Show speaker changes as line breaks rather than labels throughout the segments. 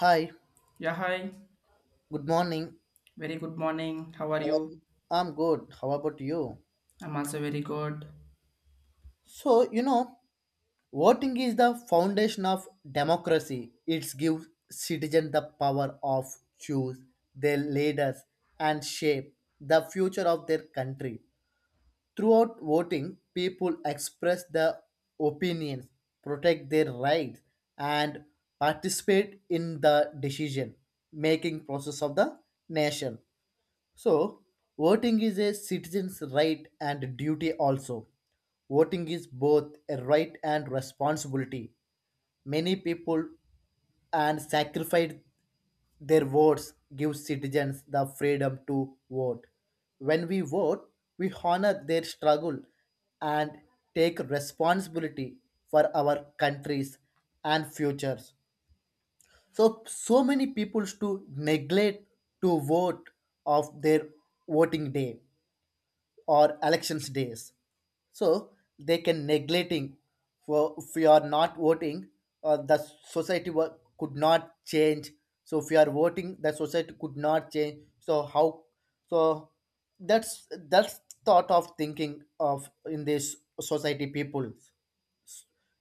Hi,
Yeah, hi.
good morning.
Very good morning. How are
How are you?
you?
I'm good. How about you?
I'm also very good.
So, you know, Voting is the foundation of democracy. It gives citizens the power of choose their leaders and shape the future of their country. Throughout voting, people express their opinions, protect their rights, and participate in the decision making process of the nation. So, voting is a citizen's right and duty also. Voting is both a right and responsibility. Many people and sacrifice their votes give citizens the freedom to vote. When we vote, we honor their struggle and take responsibility for our countries and futures. So many people to neglect to vote of their voting day or elections days, so they can neglecting for, if you are not voting, the could not change. So if you are voting the society could not change, so how? So that's thought of thinking of in this society people,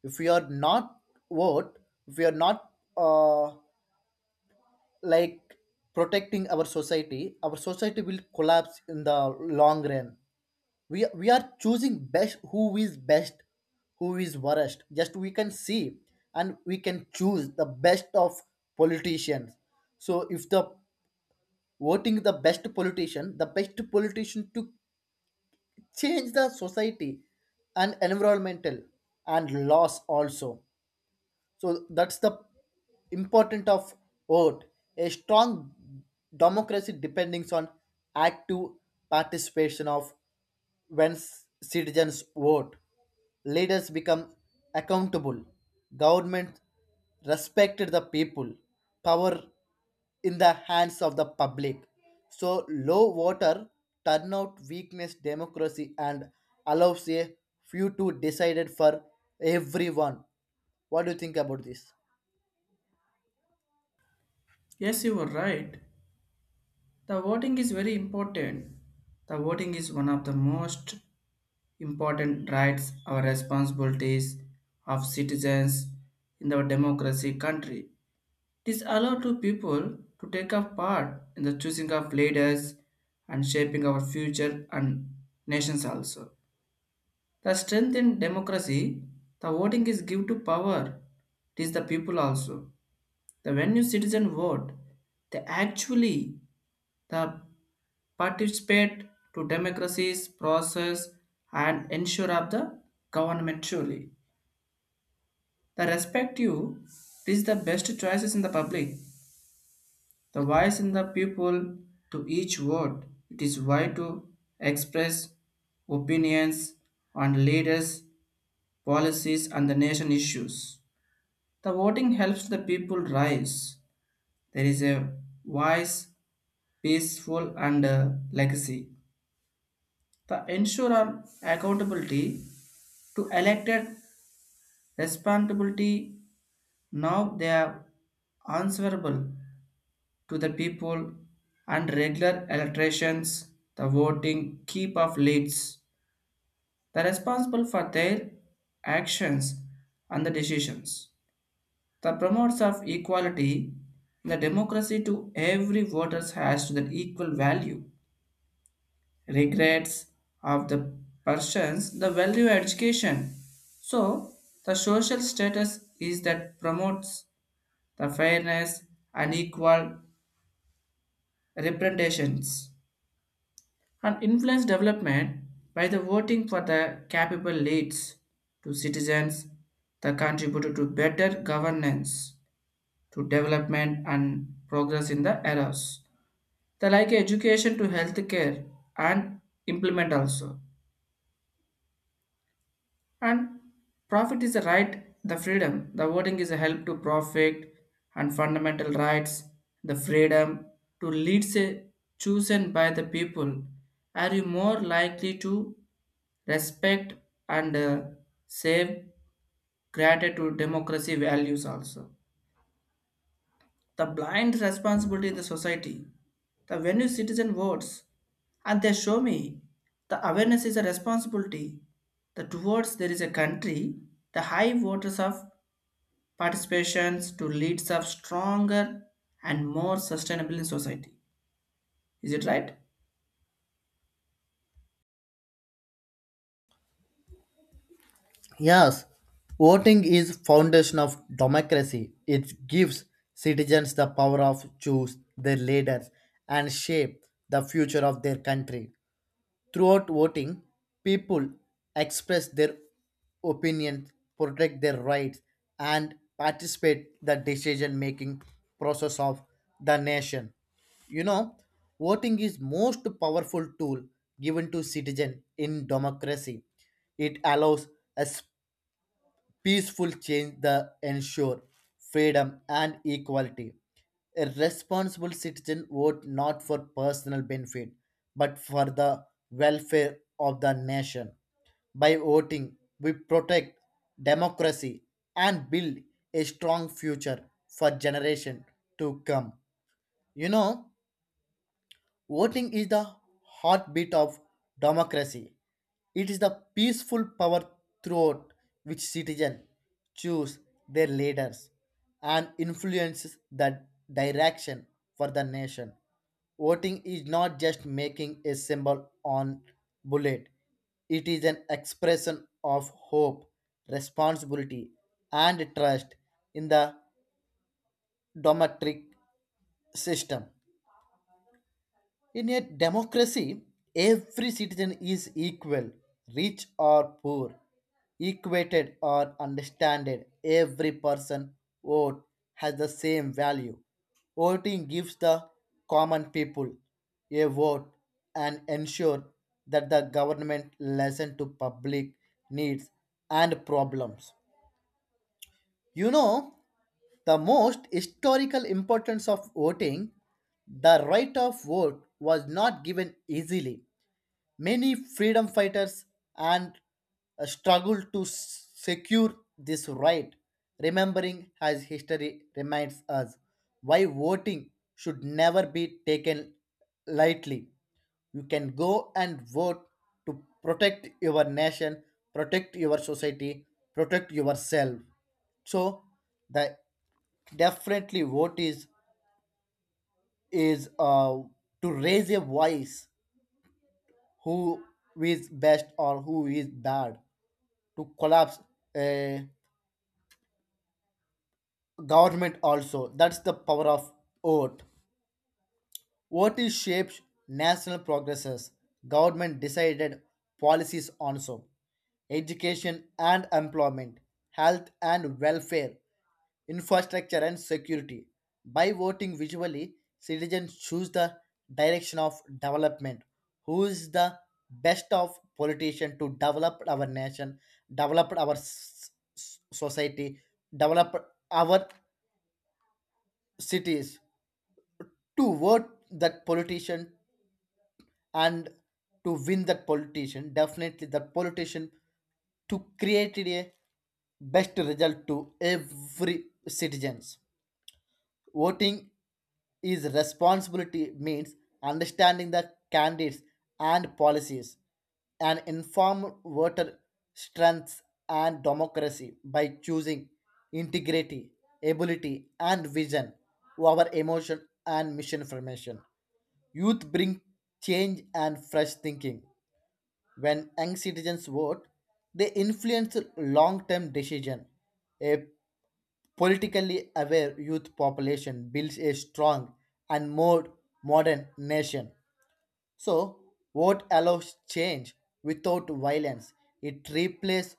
if we are not vote, if we are not uh, like, protecting our society, our society will collapse in the long run. We are choosing best, who is best, who is worst, just we can see, and we can choose the best of politicians. So if the voting the best politician, the best politician to change the society and environmental and laws also. So that's the important of vote. A strong democracy depends on active participation of when citizens vote, leaders become accountable. Government respected the people. Power in the hands of the public. So low voter turnout weakness democracy and allows a few to decide it for everyone. What do you think about this?
Yes, you were right. The voting is very important. The voting is one of the most important rights or responsibilities of citizens in our democracy country. It is allowed to people to take a part in the choosing of leaders and shaping our future and nations also. The strength in democracy, the voting is give to power. It is the people also. The when you citizen vote, they actually the participate to democracy's process and ensure of the government surely. The respect you, this is the best choices in the public. The voice in the people to each vote. It is why to express opinions on leaders, policies and the nation issues. The voting helps the people rise. There is a voice peaceful and legacy. The ensure on accountability to elected responsibility now they are answerable to the people and regular elections, the voting keep of leads, the responsible for their actions and the decisions. The promoters of equality, the democracy to every voters has to the equal value regrets of the persons the value education. So the social status is that promotes the fairness and equal representations and influence development by the voting for the capable leads to citizens that contribute to better governance, to development and progress in the eras. The like education to healthcare and implement also. And profit is a right, the freedom. The voting is a help to profit and fundamental rights, the freedom to leads a chosen by the people. Are you more likely to respect and save gratitude democracy values also? The blind responsibility in the society, the venue citizen votes, and they show me the awareness is a responsibility. The towards there is a country, the high voters of participations to leads of stronger and more sustainable in society. Is it right?
Yes, voting is foundation of democracy. It gives citizens the power of choose their leaders and shape the future of their country. Throughout voting, people express their opinions, protect their rights, and participate the decision-making process of the nation. You know, voting is most powerful tool given to citizen in democracy. It allows us peaceful change that ensure freedom and equality. A responsible citizen vote not for personal benefit, but for the welfare of the nation. By voting, we protect democracy and build a strong future for generation to come. You know, voting is the heartbeat of democracy. It is the peaceful power throughout which citizens choose their leaders and influences the direction for the nation. Voting is not just making a symbol on bullet. It is an expression of hope, responsibility, and trust in the democratic system. In a democracy, every citizen is equal, rich or poor, equated or understanded. Every person vote has the same value. Voting gives the common people a vote and ensure that the government listen to public needs and problems. You know, the most historical importance of voting, the right of vote was not given easily. Many freedom fighters and struggled to secure this right, remembering as history reminds us why voting should never be taken lightly. You can go and vote to protect your nation, protect your society, protect yourself. So, the definitely vote is is to raise a voice, who is best or who is bad, to collapse a government also. That's the power of vote. What is shapes national progresses? Government decided policies on so education and employment, health and welfare, infrastructure and security. By voting visually, citizens choose the direction of development. Who is the best of politician to develop our nation, develop our society, develop our cities? To vote that politician and to win that politician, definitely that politician to create a best result to every citizens. Voting is responsibility means understanding the candidates and policies. An informed voter strengths and democracy by choosing integrity, ability, and vision over emotion and misinformation. Youth bring change and fresh thinking. When young citizens vote, they influence long-term decision. A politically aware youth population builds a strong and more modern nation. So, vote allows change without violence. It replaces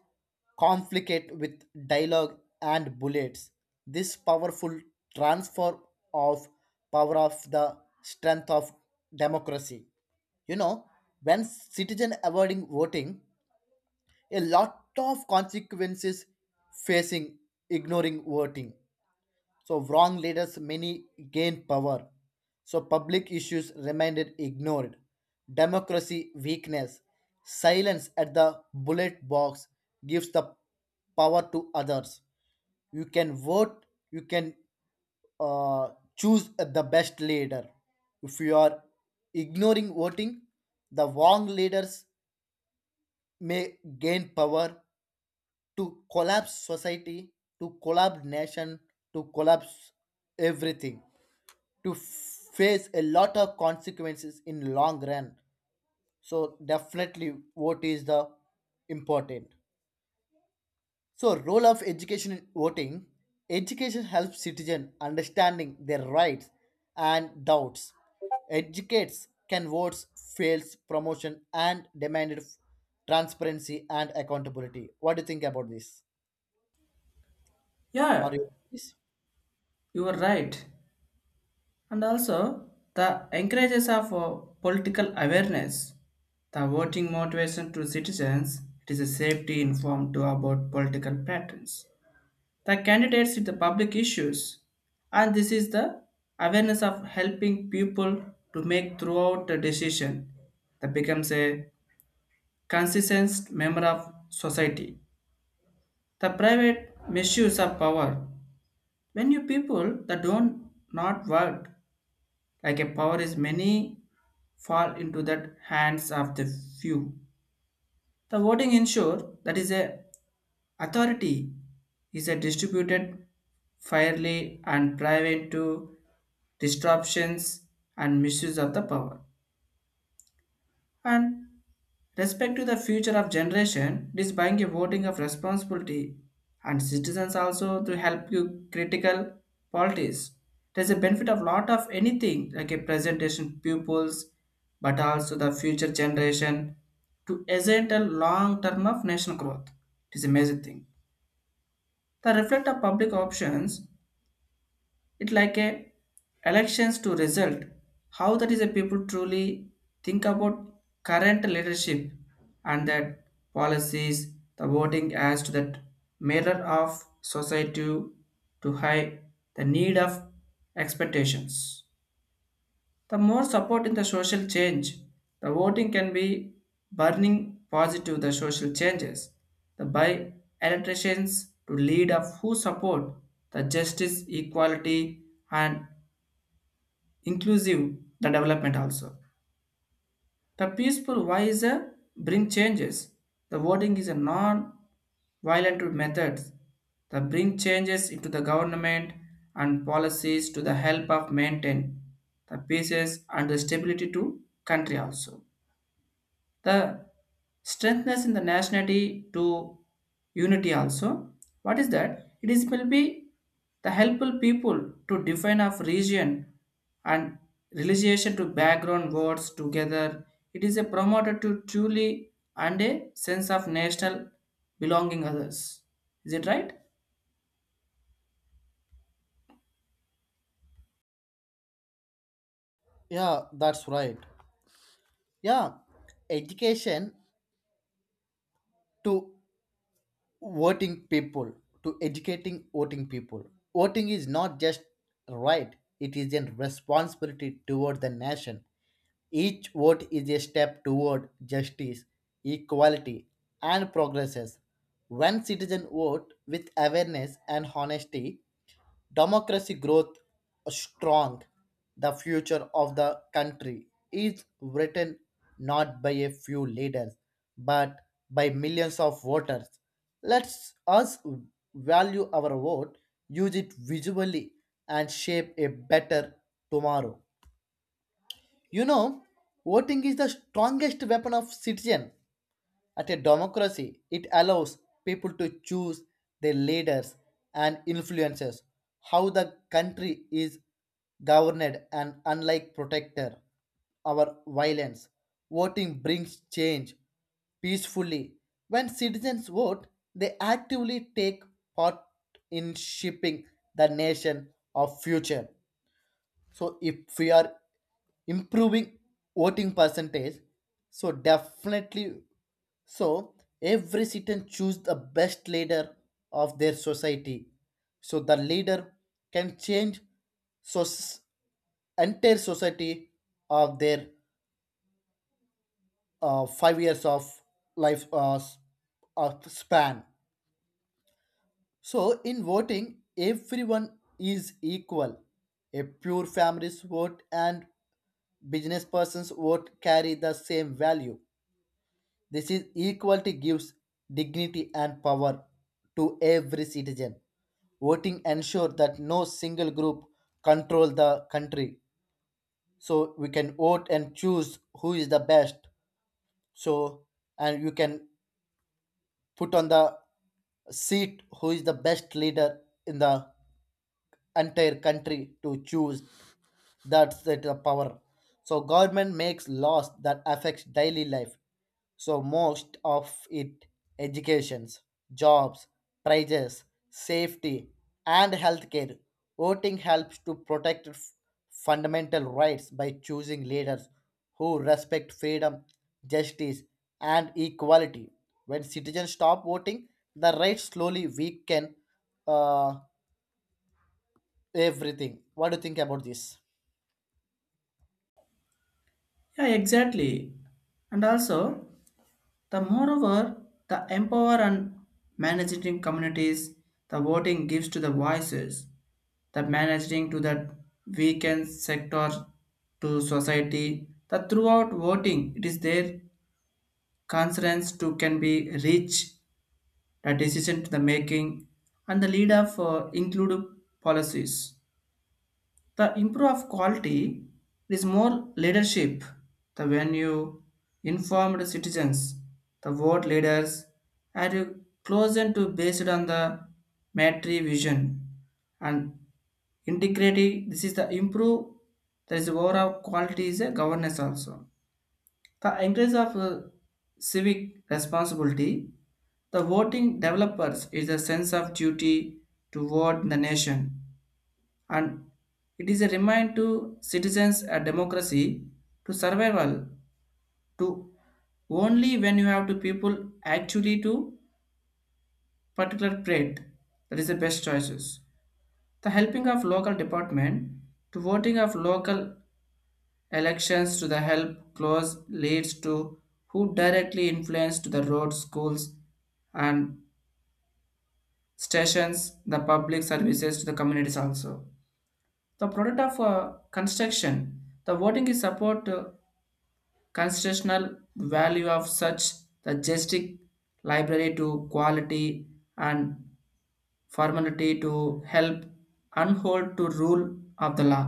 conflict with dialogue and bullets. This powerful transfer of power of the strength of democracy. You know, when citizen avoiding voting, a lot of consequences facing ignoring voting, so wrong leaders many gain power. So public issues remained ignored. Democracy weakness. Silence at the bullet box gives the power to others. You can vote, you can uh, choose the best leader. If you are ignoring voting, the wrong leaders may gain power to collapse society, to collapse nation, to collapse everything, to face a lot of consequences in long run. So definitely vote is the important. So role of education in voting, education helps citizen understanding their rights and doubts. Educates can votes fails promotion and demanded transparency and accountability. What do you think about this? Are
Yeah,
you...
you are right. And also the encourages of political awareness, the voting motivation to citizens, it is a safety informed to about political patterns. The candidates with the public issues, and this is the awareness of helping people to make throughout the decision that becomes a consistent member of society. The private misuse of power. When you people that don't not work like a power is many fall into the hands of the few. The voting ensure that is a authority is a distributed fairly and private to disruptions and misuse of the power. And respect to the future of generation, it is buying a voting of responsibility and citizens also to help you critical policies. There's a benefit of lot of anything like a presentation pupils, but also the future generation to essential long term of national growth. It is amazing thing. The reflect of public options, it like a elections to result. How that is a people truly think about current leadership and that policies, the voting as to that mirror of society to high the need of expectations. The more support in the social change, the voting can be burning positive the social changes. The by electricians to lead of who support the justice, equality and inclusive the development also. The peaceful voice bring changes. The voting is a non-violent method that bring changes into the government and policies to the help of maintain the peace and the stability to country also, the strengthness in the nationality to unity also. What is that it is will be the helpful people to define of region and relation to background words together. It is a promoter to truly and a sense of national belonging others. Is it right?
Yeah, that's right. Yeah, education to voting people to educating voting people. Voting is not just a right, it is a responsibility toward the nation. Each vote is a step toward justice, equality, and progress. When citizens vote with awareness and honesty, democracy growth strong. The future of the country is written not by a few leaders but by millions of voters. Let's us value our vote, use it visually, and shape a better tomorrow. You know, voting is the strongest weapon of citizen at a democracy. It allows people to choose their leaders and influences how the country is governed and unlike protector our violence. Voting brings change peacefully. When citizens vote, they actively take part in shaping the nation of future. So if we are improving voting percentage, so definitely, so every citizen choose the best leader of their society. So the leader can change, so entire society of their 5 years of life span. So in voting, everyone is equal. A pure family's vote and business persons vote carry the same value. This is equality gives dignity and power to every citizen. Voting ensure that no single group control the country. So we can vote and choose who is the best. So and you can put on the seat who is the best leader in the entire country to choose. That's it, the power. So government makes laws that affects daily life, so most of it, educations, jobs, prices, safety, and healthcare. Voting helps to protect fundamental rights by choosing leaders who respect freedom, justice, and equality. When citizens stop voting the rights slowly weaken, uh, everything. What do you think about this?
Yeah, exactly. And also the moreover the empower and managing communities, the voting gives to the voices the managing to the weakened sector to society. The throughout voting, it is their concerns to can be reach the decision to the making and the lead of include policies. The improve of quality is more leadership. The when you informed citizens, the vote leaders are you closer to based on the military vision and integrity, this is the improve there is overall quality is a governance also, the increase of civic responsibility. The voting developers is a sense of duty toward the nation, and it is a remind to citizens a democracy to survival to only when you have to people actually to particular trade that is the best choices. The helping of local department to voting of local elections to the help close leads to who directly influence to the roads, schools, and stations, the public services to the communities also. The product of construction, the voting is support constitutional value of such the juristic library to quality and formality to help and to rule of the law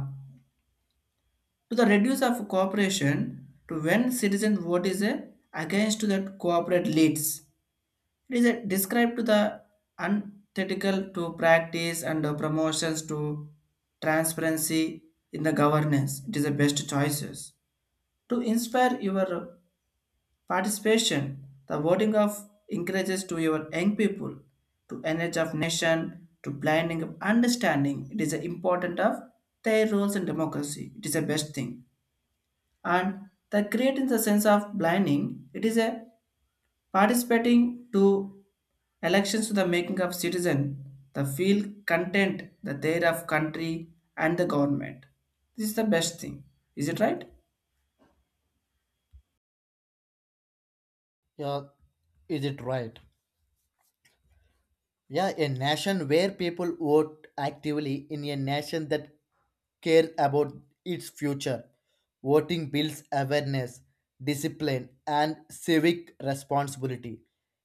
to the reduce of cooperation to when citizen vote is a against to that corporate leads. It is a described to the unethical to practice and promotions to transparency in the governance. It is the best choices. To inspire your participation, the voting of encourages to your young people to energy of nation, to planning of understanding. It is the important of their roles in democracy. It is the best thing, and the create in the sense of blinding it is a participating to elections to the making of citizen the feel content the their of country and the government. This is the best thing. Is it right?
Yeah, is it right? Yeah, a nation where people vote actively in a nation that care about its future. Voting builds awareness, discipline, and civic responsibility.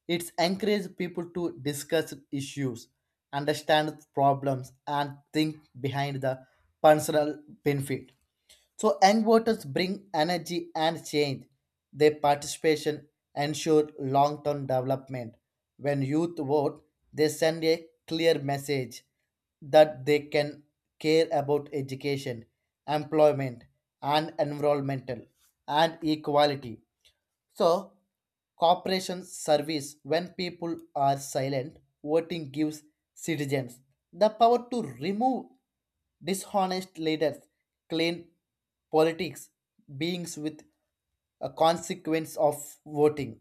It encourages people to discuss issues, understand problems, and think behind the personal benefit. So young voters bring energy and change. Their participation ensure long-term development. When youth vote, they send a clear message that they can care about education, employment, and environmental and equality. So, cooperation service when people are silent, voting gives citizens the power to remove dishonest leaders, clean politics, beings with a consequence of voting.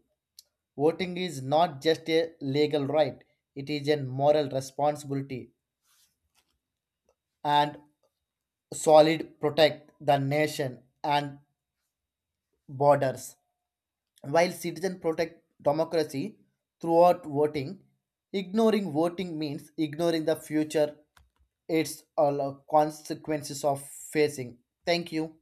Voting is not just a legal right, it is a moral responsibility and solid protect the nation and borders. While citizens protect democracy throughout voting, ignoring voting means ignoring the future its all consequences of facing. Thank you.